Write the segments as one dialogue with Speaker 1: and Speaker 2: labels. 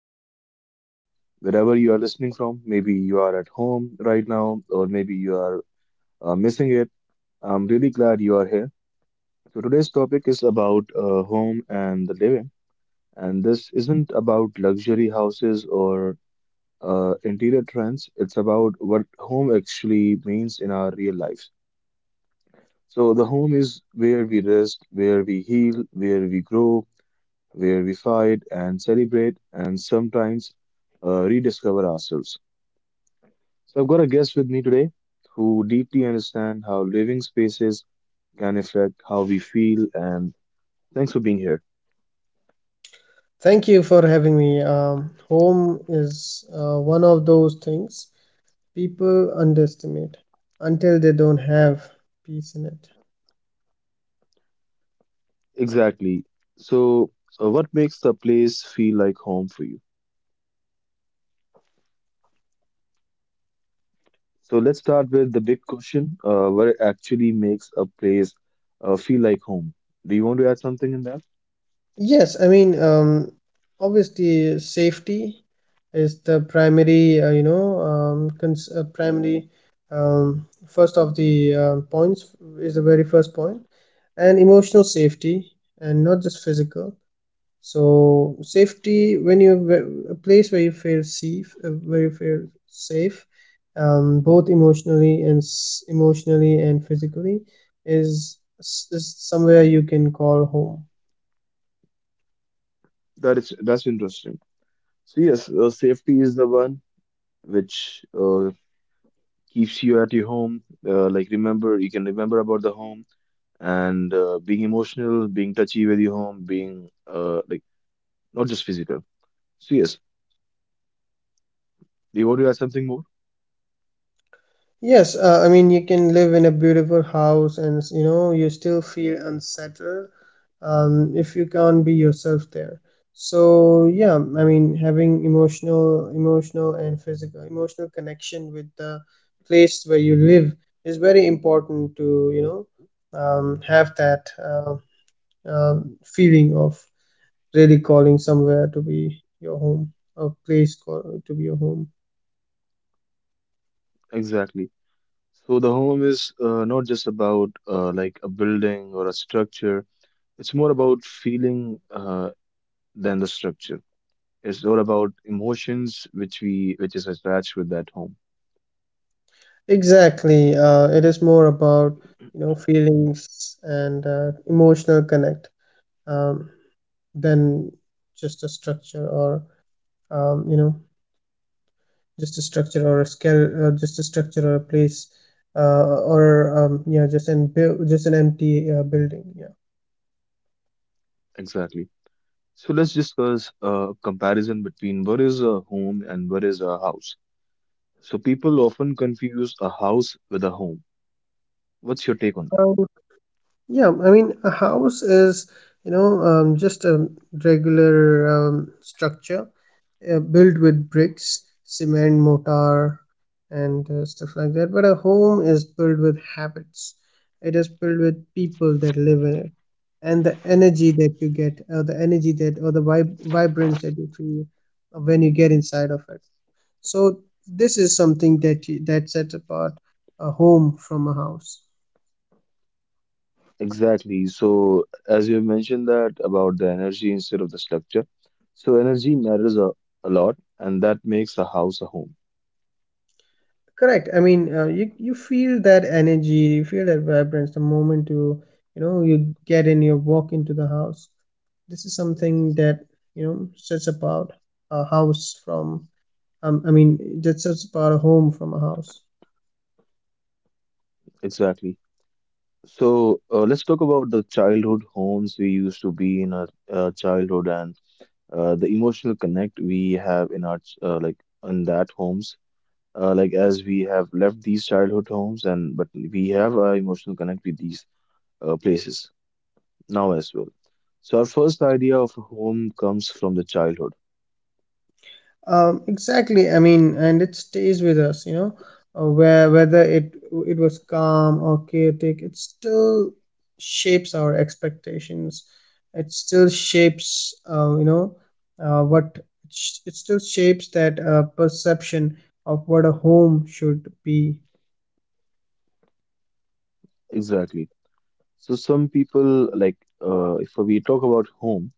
Speaker 1: the podcast. Wherever you are listening from, maybe you are at home right now, or maybe you are missing it. I'm really glad you are here. So, today's topic is about home and the living. And this isn't about luxury houses or interior trends. It's about what home actually means in our real lives. So, the home is where we rest, where we heal, where we grow, where we fight and celebrate and sometimes rediscover ourselves. So I've got a guest with me today who deeply understands how living spaces can affect how we feel, and thanks for being here.
Speaker 2: Thank you for having me. Home is one of those things people underestimate until they don't have peace in it.
Speaker 1: Exactly. So what makes the place feel like home for you? So let's start with the big question. What actually makes a place feel like home? Do you want to add something in that?
Speaker 2: Yes, I mean, um, Obviously, safety is the primary, you know, cons- primary, first of the points, is the very first point, and emotional safety, and not just physical. So safety when you a place where you feel safe, where you feel safe, both emotionally and emotionally and physically, is somewhere you can call home.
Speaker 1: That is that's interesting. So yes, safety is the one which keeps you at your home. Like remember, you can remember about the home and being emotional, being touchy with your home, being like not just physical. So yes, do you want to add something more?
Speaker 2: Yes, I mean you can live in a beautiful house and you know you still feel unsettled, if you can't be yourself there. So yeah, I mean having emotional connection with the place where you live is very important to you know have that feeling of really calling somewhere to be your home, a place call, to be your home.
Speaker 1: Exactly. So the home is not just about like a building or a structure. It's more about feeling than the structure. It's all about emotions which is attached with that home.
Speaker 2: Exactly. It is more about you know feelings and emotional connect, um, than just a structure or you know just a structure or a place or yeah, just an just an empty building. Yeah.
Speaker 1: Exactly. So let's discuss a comparison between what is a home and what is a house. So people often confuse a house with a home. What's your take on that?
Speaker 2: Um, Yeah, I mean, a house is, just a regular structure built with bricks, cement, mortar, and stuff like that. But a home is built with habits. It is built with people that live in it, and the energy that you get, or the energy that, or the vibrance that you feel when you get inside of it. So this is something that you, that sets apart a home from a house.
Speaker 1: Exactly. So as you mentioned, that about the energy instead of the structure. So energy matters a lot, and that makes a house a home.
Speaker 2: Correct. I mean, you feel that energy, you feel that vibrance the moment you you know you get in, you walk into the house. This is something that you know sets apart a house from. I mean, that sets apart a home from a house.
Speaker 1: Exactly. So let's talk about the childhood homes we used to be in our childhood, and the emotional connect we have in our like in that homes. Like as we have left these childhood homes, and but we have our emotional connect with these places now as well. So, our first idea of a home comes from the childhood.
Speaker 2: Exactly. I mean, and it stays with us, you know, where whether it it was calm or chaotic, it still shapes our expectations. It still shapes, what it still shapes that perception of what a home should be.
Speaker 1: Exactly. So, some people, like, if we talk about home,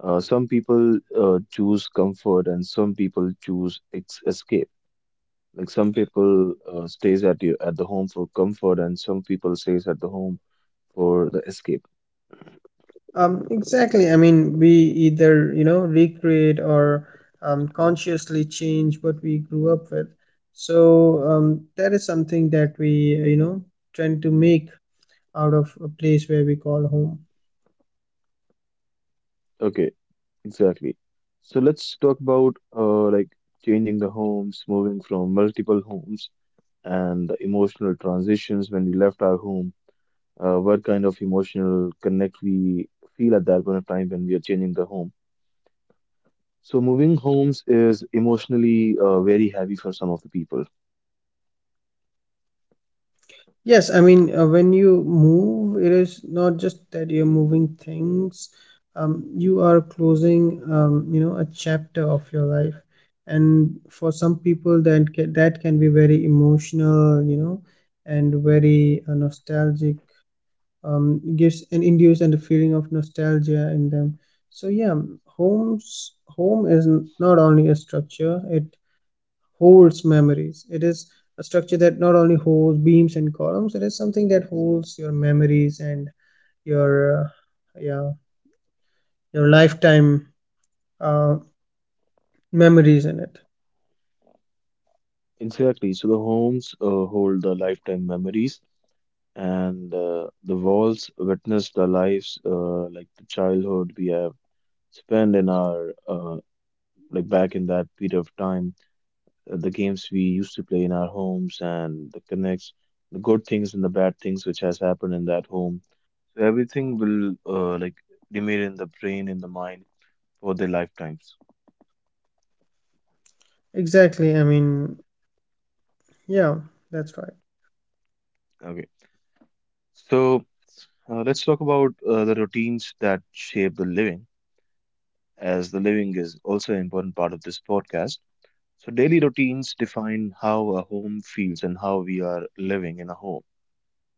Speaker 1: some people choose comfort and some people choose ex escape. Like, some people stays at you at the home for comfort, and some people stays at the home for the escape.
Speaker 2: Exactly. I mean, we either, you know, recreate or consciously change what we grew up with. So that is something that we, you know, tend to make out of a place where we call home.
Speaker 1: Okay, exactly. So, let's talk about like changing the homes, moving from multiple homes and the emotional transitions when we left our home. What kind of emotional connect we feel at that point of time when we are changing the home? So moving homes is emotionally very heavy for some of the people.
Speaker 2: Yes, I mean, when you move, it is not just that you're moving things, you are closing, you know, a chapter of your life. And for some people, that can be very emotional, you know, and very nostalgic, gives and induce and a feeling of nostalgia in them. So yeah, home is not only a structure, it holds memories, it is a structure that not only holds beams and columns, it is something that holds your memories and your yeah, your lifetime uh, memories in it.
Speaker 1: Exactly. So the homes hold the lifetime memories, and the walls witness the lives, like the childhood we have spent in our like back in that period of time, the games we used to play in our homes, and the connects, the good things and the bad things which has happened in that home. So everything will like remain in the brain, in the mind for their lifetimes.
Speaker 2: Exactly, I mean, yeah, that's right.
Speaker 1: Okay. So let's talk about the routines that shape the living, as the living is also an important part of this podcast. So daily routines define how a home feels and how we are living in a home.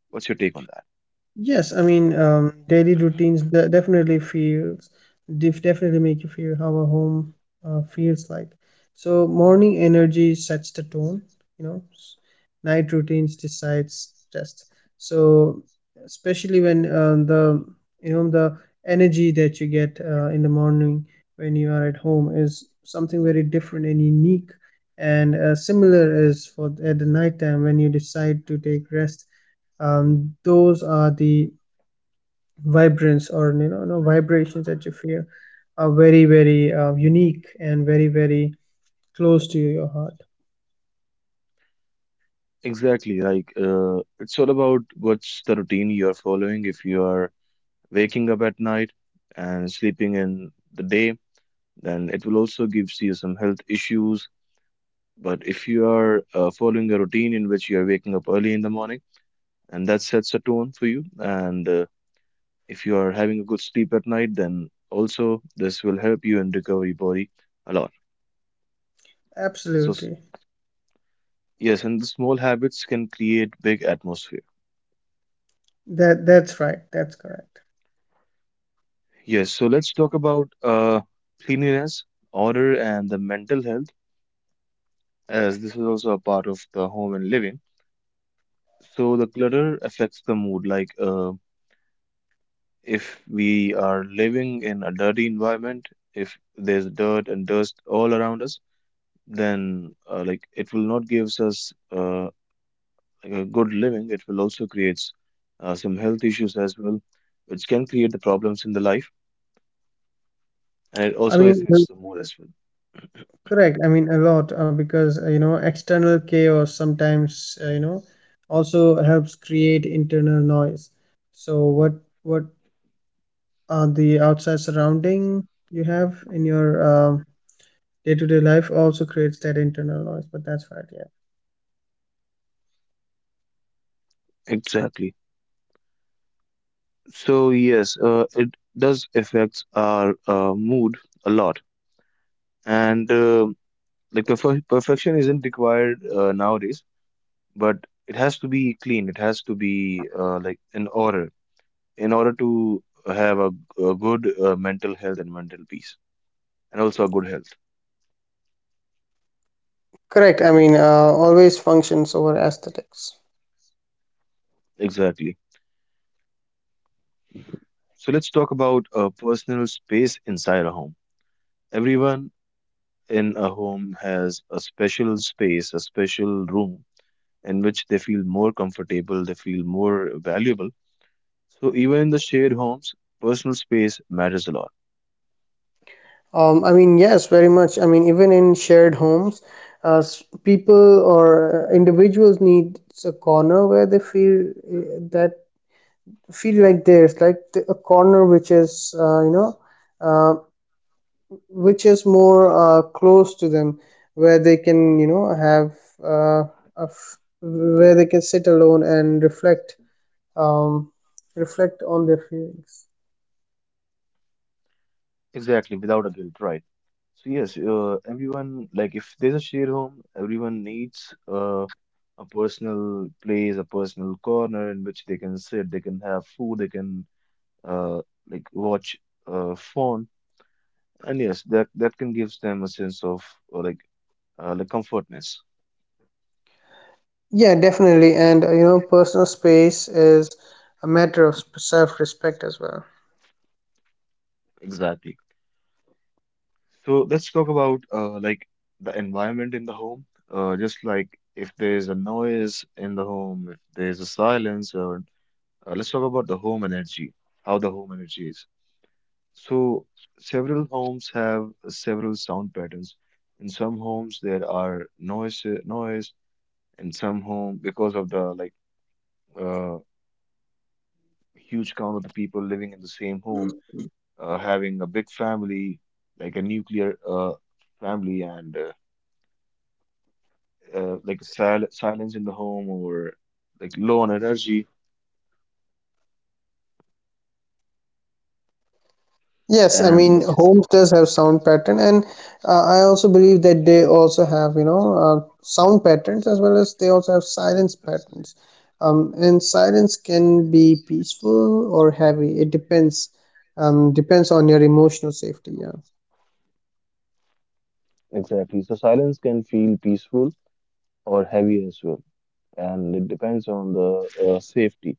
Speaker 1: What's your take on that?
Speaker 2: Yes, I mean, daily routines definitely feels, definitely make you feel how a home feels like. So morning energy sets the tone, you know. Night routines decides test. So especially when the you know the energy that you get in the morning when you are at home is something very different and unique. And similar is for at the nighttime when you decide to take rest, those are the vibrance or you know, no vibrations that you feel are very very unique and very very close to your heart.
Speaker 1: Exactly. Like it's all about what's the routine you are following. If you are waking up at night and sleeping in the day, then it will also gives you some health issues. But if you are following a routine in which you are waking up early in the morning, and that sets a tone for you, and if you are having a good sleep at night, then also this will help you in recovery body a lot. So, s-
Speaker 2: Absolutely.
Speaker 1: yes, and the small habits can create big atmosphere.
Speaker 2: That's right, that's correct.
Speaker 1: Yes, so let's talk about cleanliness, order, and the mental health, as this is also a part of the home and living. So the clutter affects the mood, like if we are living in a dirty environment, if there's dirt and dust all around us, then like it will not gives us like a good living. It will also creates some health issues as well, which can create the problems in the life, and it
Speaker 2: I
Speaker 1: also
Speaker 2: mean, well,
Speaker 1: affects the mood as well.
Speaker 2: correct, I mean, a lot, because you know external chaos sometimes you know also helps create internal noise. So what are the outside surrounding you have in your day-to-day life also creates that internal noise, but that's right, yeah.
Speaker 1: Exactly. So yes, it does affect our mood a lot, and like perfection isn't required nowadays, but it has to be clean. It has to be like in order, in order to have a good mental health and mental peace, and also a good health.
Speaker 2: Correct. I mean, always functions over aesthetics.
Speaker 1: Exactly. So let's talk about a personal space inside a home. Everyone in a home has a special space, a special room in which they feel more comfortable, they feel more valuable. So even in the shared homes, personal space matters a lot.
Speaker 2: I mean, yes, very much. I mean, even in shared homes, people or individuals need a corner where they feel that feel like theirs, like the, a corner which is, you know, uh, which is more close to them, where they can, you know, have uh, where they can sit alone and reflect, um, reflect on their feelings.
Speaker 1: Exactly, without a guilt, right? So yes, everyone, like if there's a shared home, everyone needs a personal place, a personal corner in which they can sit, they can have food, they can uh, like watch phone, and yes, that can gives them a sense of uh, like like comfortness.
Speaker 2: Yeah, definitely. And you know, personal space is a matter of self respect as well.
Speaker 1: Exactly. So let's talk about like the environment in the home. Just like if there's a noise in the home, if there's a silence, or let's talk about the home energy, how the home energy is. So, several homes have several sound patterns. In some homes, there are noise. In some home, because of the like uh, huge count of the people living in the same home, having a big family, like a nuclear family, and like silence in the home or like low on energy.
Speaker 2: Yes, I
Speaker 1: And
Speaker 2: mean, homes does have sound pattern, and I also believe that they also have, you know, sound patterns as well as they also have silence patterns. And silence can be peaceful or heavy. It depends, depends on your emotional safety. Yeah.
Speaker 1: exactly, so silence can feel peaceful or heavy as well, and it depends on the safety.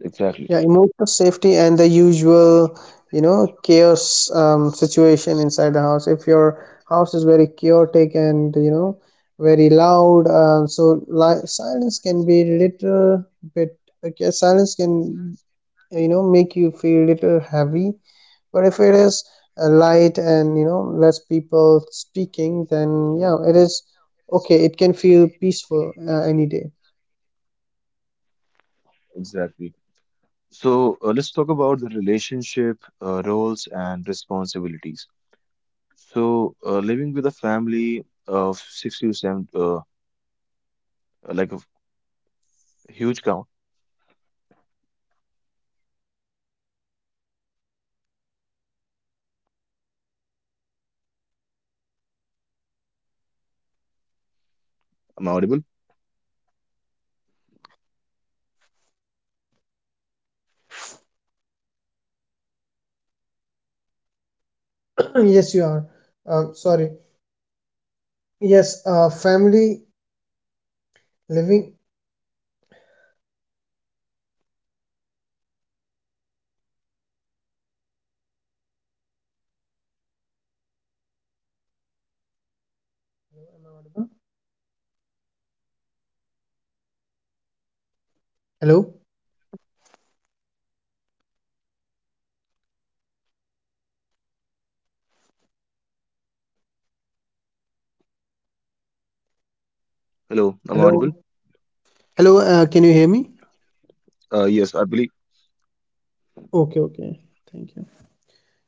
Speaker 1: Exactly,
Speaker 2: Yeah, emotional safety and the usual, you know, chaos situation inside the house. If your house is very chaotic and you know very loud, silence can be little bit. Okay, silence can you know make you feel little heavy. But if it is light and you know less people speaking, then yeah, it is okay. It can feel peaceful any day.
Speaker 1: exactly. So let's talk about the relationship, roles, and responsibilities. So living with a family of 6 to 7, like a huge count. Am I audible?
Speaker 2: Yes, you are. Sorry. Yes, family Living Hello?
Speaker 1: Hello, am I audible?
Speaker 2: Hello? Hello, can you hear me?
Speaker 1: Yes, I believe.
Speaker 2: Okay, okay. Thank you.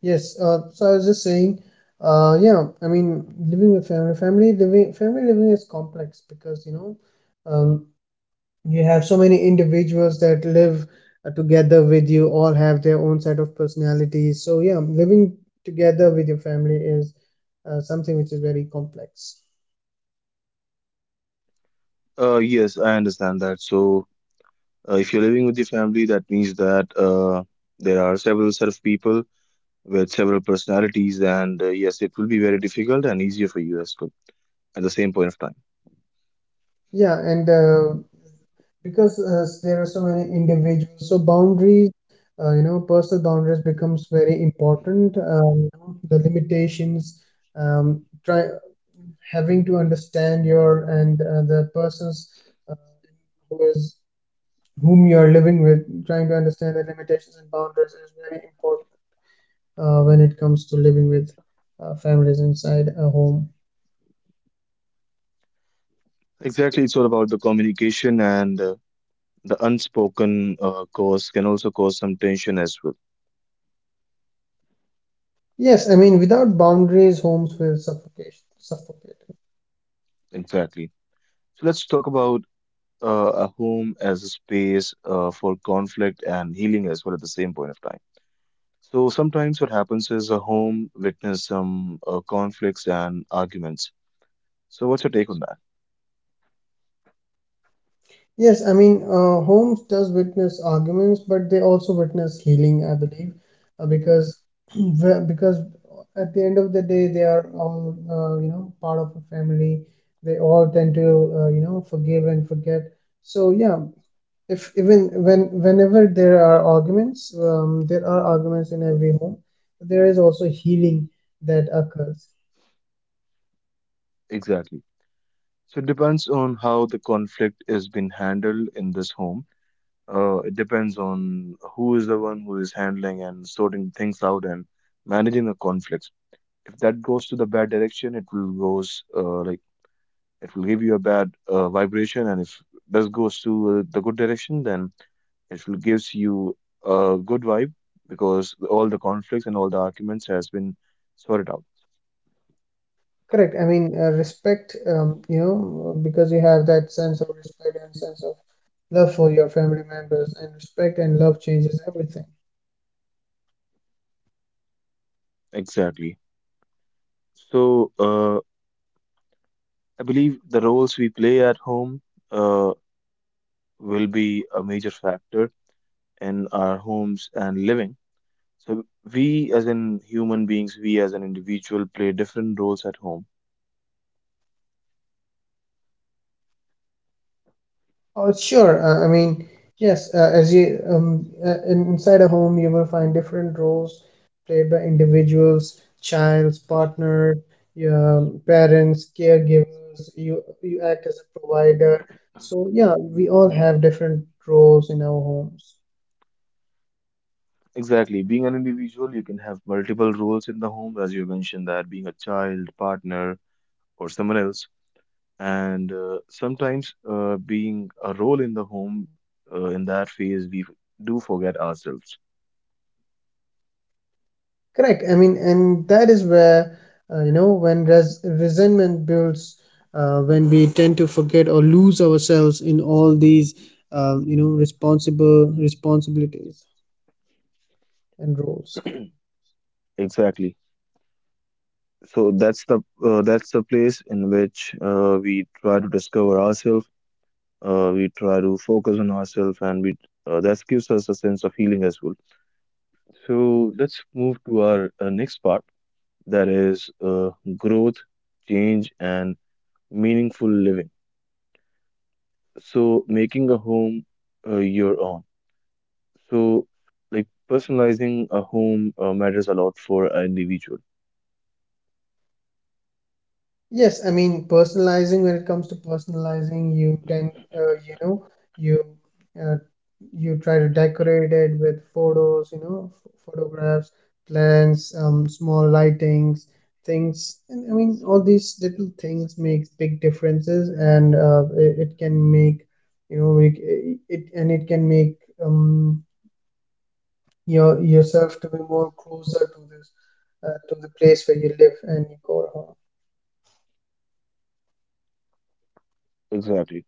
Speaker 2: Yes, so I was just saying, yeah, I mean, living with family living is complex because, you know, um, you have so many individuals that live together with you, all have their own set of personalities. So, yeah, living together with your family is something which is very complex.
Speaker 1: Yes, I understand that. So if you're living with your family, that means that there are several set of people with several personalities, and yes, it will be very difficult and easier for you as well at the same point of time.
Speaker 2: Yeah, and because there are so many individuals, so boundaries you know personal boundaries becomes very important, the limitations try having to understand your and the persons uh, who is whom you are living with, trying to understand the limitations and boundaries is very important when it comes to living with families inside a home.
Speaker 1: Exactly, it's all about the communication, and the unspoken cause can also cause some tension as well.
Speaker 2: Yes, I mean, without boundaries homes will suffocate.
Speaker 1: Exactly. So let's talk about a home as a space for conflict and healing as well at the same point of time. So sometimes what happens is a home witness some conflicts and arguments. So, what's your take on that?
Speaker 2: Yes, I mean, homes does witness arguments, but they also witness healing, I believe, because because at the end of the day, they are all you know part of a family. They all tend to you know forgive and forget. So yeah, if even when whenever there are arguments in every home. There is also healing that occurs.
Speaker 1: Exactly. So, it depends on how the conflict is being handled in this home. It depends on who is the one who is handling and sorting things out and managing the conflicts. If that goes to the bad direction, it will goes like it will give you a bad vibration, and if this goes to the good direction, then it will gives you a good vibe because all the conflicts and all the arguments has been sorted out.
Speaker 2: Correct. I mean, respect, you know, because you have that sense of respect and sense of love for your family members, and respect and love changes everything.
Speaker 1: Exactly. So, I believe the roles we play at home uh, will be a major factor in our homes and living. So, we as in human beings, we as an individual play different roles at home.
Speaker 2: Oh, sure. I mean, yes, as you inside a home, you will find different roles played by individuals, childs, partner, your parents, caregivers. You act as a provider. So yeah, we all have different roles in our homes.
Speaker 1: Exactly. Being an individual, you can have multiple roles in the home, as you mentioned that being a child, partner, or someone else. And sometimes being a role in the home, in that phase, we do forget ourselves.
Speaker 2: Correct. I mean, and that is where, you know, when resentment builds, when we tend to forget or lose ourselves in all these, you know, responsible responsibilities and roles.
Speaker 1: Exactly. So that's the place in which we try to discover ourselves. We try to focus on ourselves, and we that gives us a sense of healing as well. So let's move to our next part, that is growth, change, and meaningful living. So making a home your own. So like personalizing a home matters a lot for an individual.
Speaker 2: Yes, I mean personalizing. When it comes to personalizing, you can you uh, you try to decorate it with photos, you know, photographs, plants, small lightings, things. And I mean, all these little things makes big differences, and it can make you know make it, it and it can make um, yourself to be more closer to this to the place where you live and you call home.
Speaker 1: Exactly.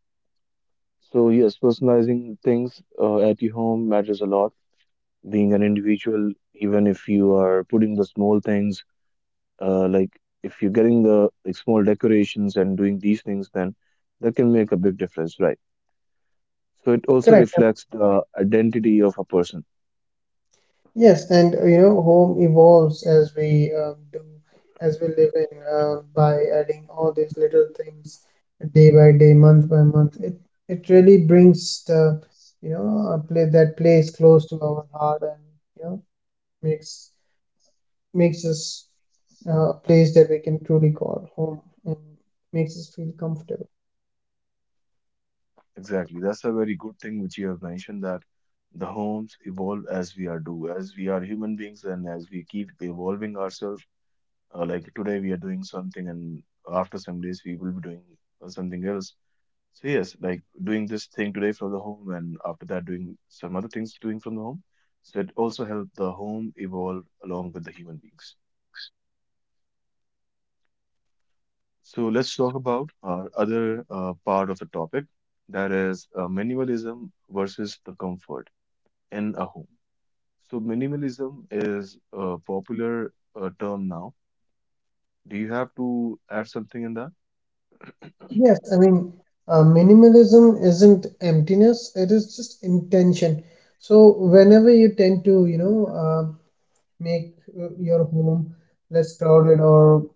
Speaker 1: So yes, personalizing things at your home matters a lot being an individual, even if you are putting the small things, like if you're getting the like small decorations and doing these things, then that can make a big difference, right? So it also
Speaker 2: Correct.
Speaker 1: reflects the identity of a person.
Speaker 2: Yes, and you know, home evolves as we do, as we live in, by adding all these little things day by day, month by month. It really brings the, you know, a place that place close to our heart, and you know, makes makes us a place that we can truly call home, and makes us feel comfortable.
Speaker 1: Exactly. That's a very good thing which you have mentioned, that the homes evolve as we are do, as we are human beings and as we keep evolving ourselves. Like today we are doing something and after some days we will be doing something else. So yes, like doing this thing today from the home and after that doing some other things doing from the home. So it also helped the home evolve along with the human beings. So let's talk about our other part of the topic, that is minimalism versus the comfort in a home. So minimalism is a popular term now. Do you have to add something in that?
Speaker 2: Yes, I mean, minimalism isn't emptiness, it is just intention. So whenever you tend to, you know, make your home less crowded or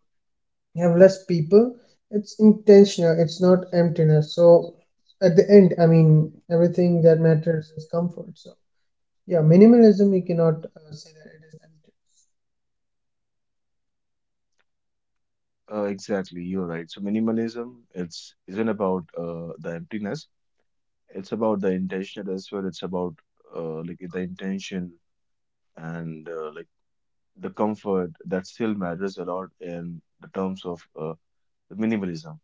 Speaker 2: have less people, it's intentional, it's not emptiness. So at the end, I mean, everything that matters is comfort. So yeah, minimalism, you cannot say that it is empty.
Speaker 1: Exactly, you're right. So minimalism, it's isn't about the emptiness. It's about the intention as well. It's about like the intention and like the comfort that still matters a lot in the terms of the minimalism.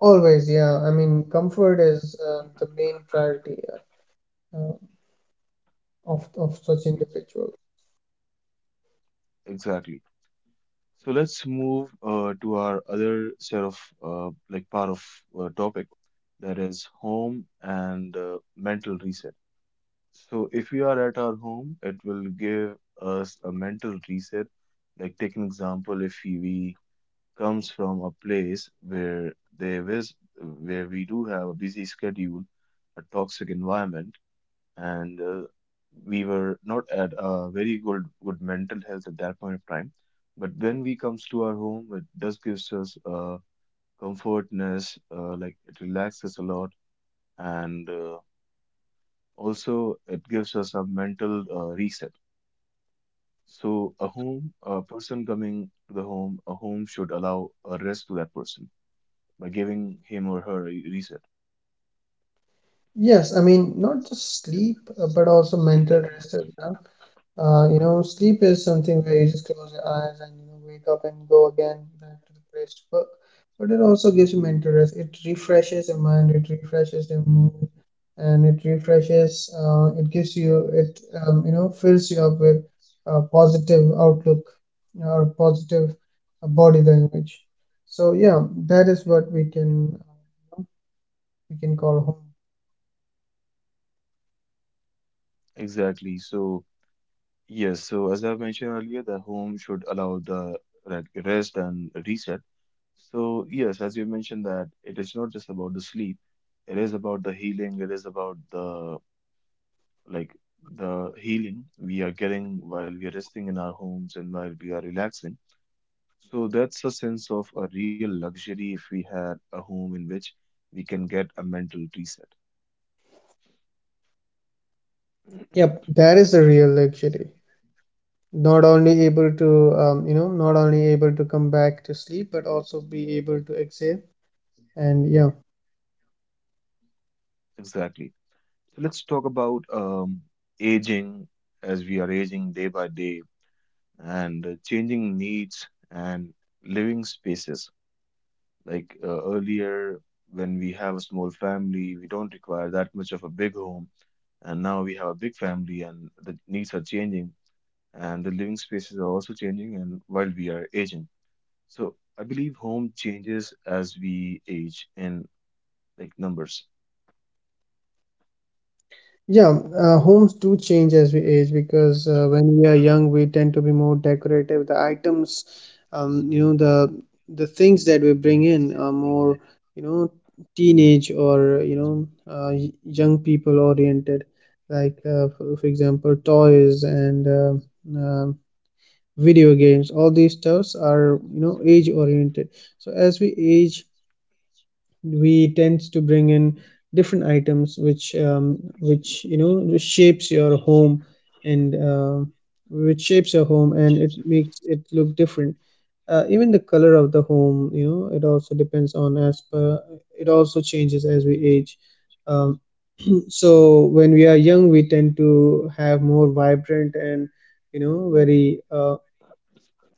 Speaker 2: Always, yeah, I mean, comfort is the main priority uh, uh, of such
Speaker 1: Ex-
Speaker 2: individual.
Speaker 1: exactly. So let's move to our other set of like part of topic, that is home and mental reset. So if we are at our home it will give us a mental reset. Like take an example, if we comes from a place where there is where we do have a busy schedule, a toxic environment, and we were not at a very good mental health at that point of time. But when we comes to our home, it does gives us a comfortness, like it relaxes a lot, and also it gives us a mental reset. So a home, a person coming to the home, a home should allow a rest to that person by giving him or her a reset.
Speaker 2: Yes, I mean, not just sleep, but also mental rest as well. You know, sleep is something where you just close your eyes and you know wake up and go again back to the place to work. But it also gives you mental rest. It refreshes your mind. It refreshes your mood, and it refreshes. It gives you it. You know, fills you up with a positive outlook or positive body language. So yeah, that is what we can we can call home.
Speaker 1: Exactly. So, yes, so as I've mentioned earlier, the home should allow the like rest and reset. So, yes, as you mentioned that it is not just about the sleep, it is about the healing, it is about the like the healing we are getting while we are resting in our homes and while we are relaxing. So that's a sense of a real luxury if we had a home in which we can get a mental reset.
Speaker 2: Yep, that is the real luxury. Not only able to not only able to come back to sleep but also be able to exhale and
Speaker 1: Exactly. Let's talk about aging, as we are aging day by day and changing needs and living spaces. Like earlier, when we have a small family, we don't require that much of a big home. And now we have a big family, and the needs are changing, and the living spaces are also changing. And while we are aging, so I believe home changes as we age in like numbers.
Speaker 2: yeah homes do change as we age because when we are young we tend to be more decorative, the items, the things that we bring in are more, you know teenage, or young people oriented, like for example toys and um, video games. All these stuffs are, age oriented. So as we age, we tend to bring in different items which, which, which shapes your home and it makes it look different. Even the color of the home, it also depends on as per it also changes as we age. um, so when we are young we tend to have more vibrant and, very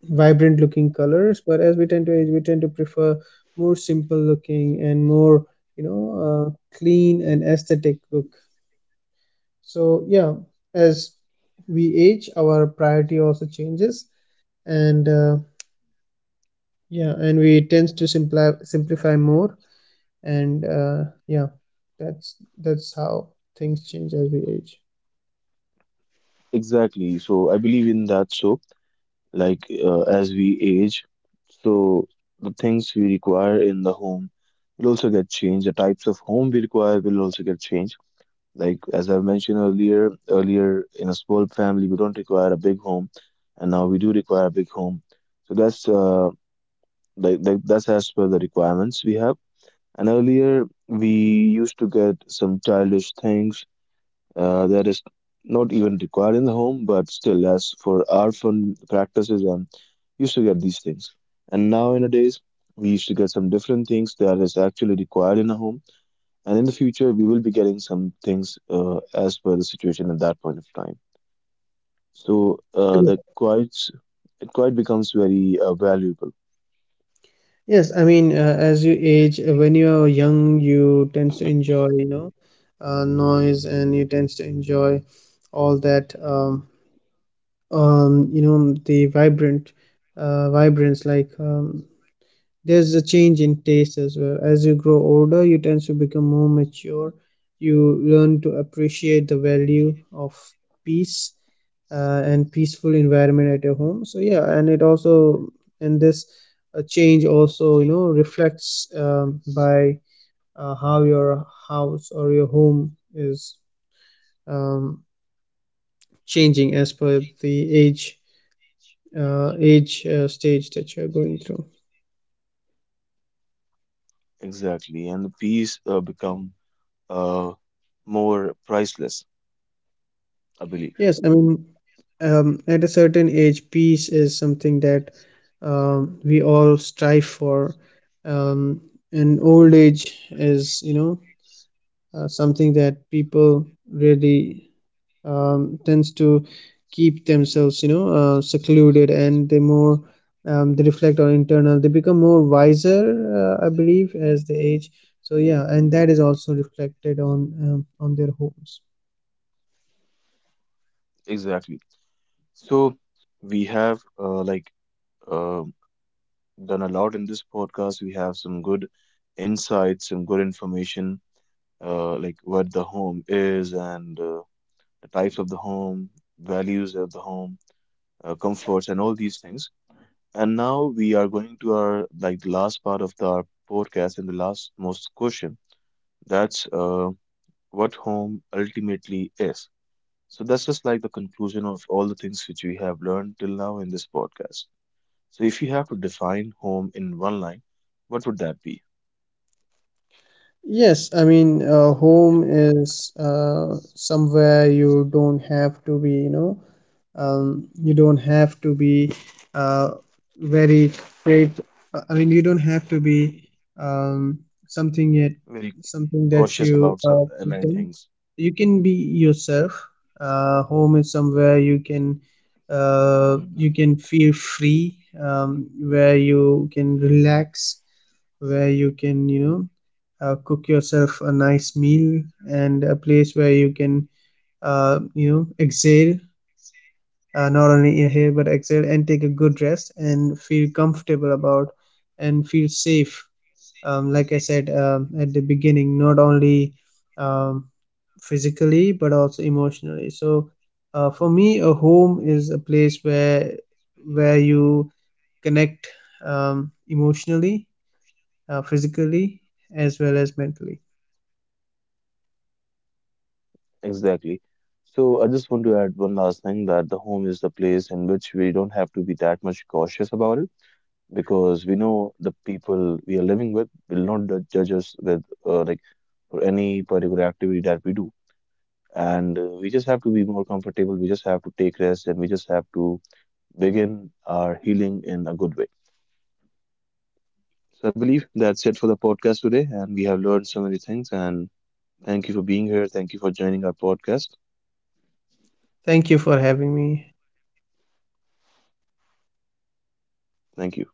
Speaker 2: vibrant looking colors, but as we tend to age we tend to prefer more simple looking and more, you know clean and aesthetic look. So yeah, as we age our priority also changes, and yeah, and we tends to simplify more and yeah, that's how things change as we age.
Speaker 1: Exactly. So I believe in that. So like as we age, so the things we require in the home will also get changed. The types of home we require will also get changed. Like as I mentioned earlier, in a small family we don't require a big home, and now we do require a big home. So that's uh, like that's as per the requirements we have. And earlier we used to get some childish things that is not even required in the home, but still, as for our fun practices, and used to get these things. And now nowadays, we used to get some different things that is actually required in a home. And in the future, we will be getting some things as per the situation at that point of time. So the quite it quite becomes very valuable.
Speaker 2: Yes, I mean, as you age, when you're young, you tends to enjoy, noise, and you tends to enjoy all that, the vibrant, vibrance. Like, there's a change in taste as well. As you grow older, you tends to become more mature. You learn to appreciate the value of peace and peaceful environment at your home. So yeah, and it also, and this change also, reflects by how your house or your home is um, changing as per the age, stage that you're going through.
Speaker 1: Exactly, and the peace become uh, more priceless, I believe.
Speaker 2: Yes, I mean, at a certain age peace is something that, we all strive for. um, and old age is, something that people really, tends to keep themselves, secluded, and they more, they reflect on internal, they become more wiser, I believe, as they age. So yeah, and that is also reflected on, on their homes.
Speaker 1: Exactly. So we have like uh, done a lot in this podcast. We have some good insights, some good information, like what the home is and the types of the home, values of the home, comforts, and all these things. And now we are going to our like the last part of the, our podcast and the last most question. That's what home ultimately is. So that's just like the conclusion of all the things which we have learned till now in this podcast. So if you have to define home in one line, what would that be?
Speaker 2: Yes, I mean, home is somewhere you don't have to be, you don't have to be uh, very great. I mean, you don't have to be um, something yet,
Speaker 1: Very
Speaker 2: something that
Speaker 1: cautious
Speaker 2: you
Speaker 1: about some many
Speaker 2: pretend.
Speaker 1: things.
Speaker 2: You can be yourself. Home is somewhere you can, you can feel free, where you can relax, where you can, cook yourself a nice meal, and a place where you can, exhale, not only inhale but exhale, and take a good rest and feel comfortable about, and feel safe, like I said, at the beginning, not only um, physically but also emotionally. So for me a home is a place where you connect emotionally, physically, as well as mentally.
Speaker 1: Exactly. So I just want to add one last thing that the home is the place in which we don't have to be that much cautious about it because we know the people we are living with will not judge us with like for any particular activity that we do. And we just have to be more comfortable. We just have to take rest and we just have to begin our healing in a good way. So I believe that's it for the podcast today, and we have learned so many things. And thank you for being here. Thank you for joining our podcast.
Speaker 2: Thank you for having me.
Speaker 1: Thank you.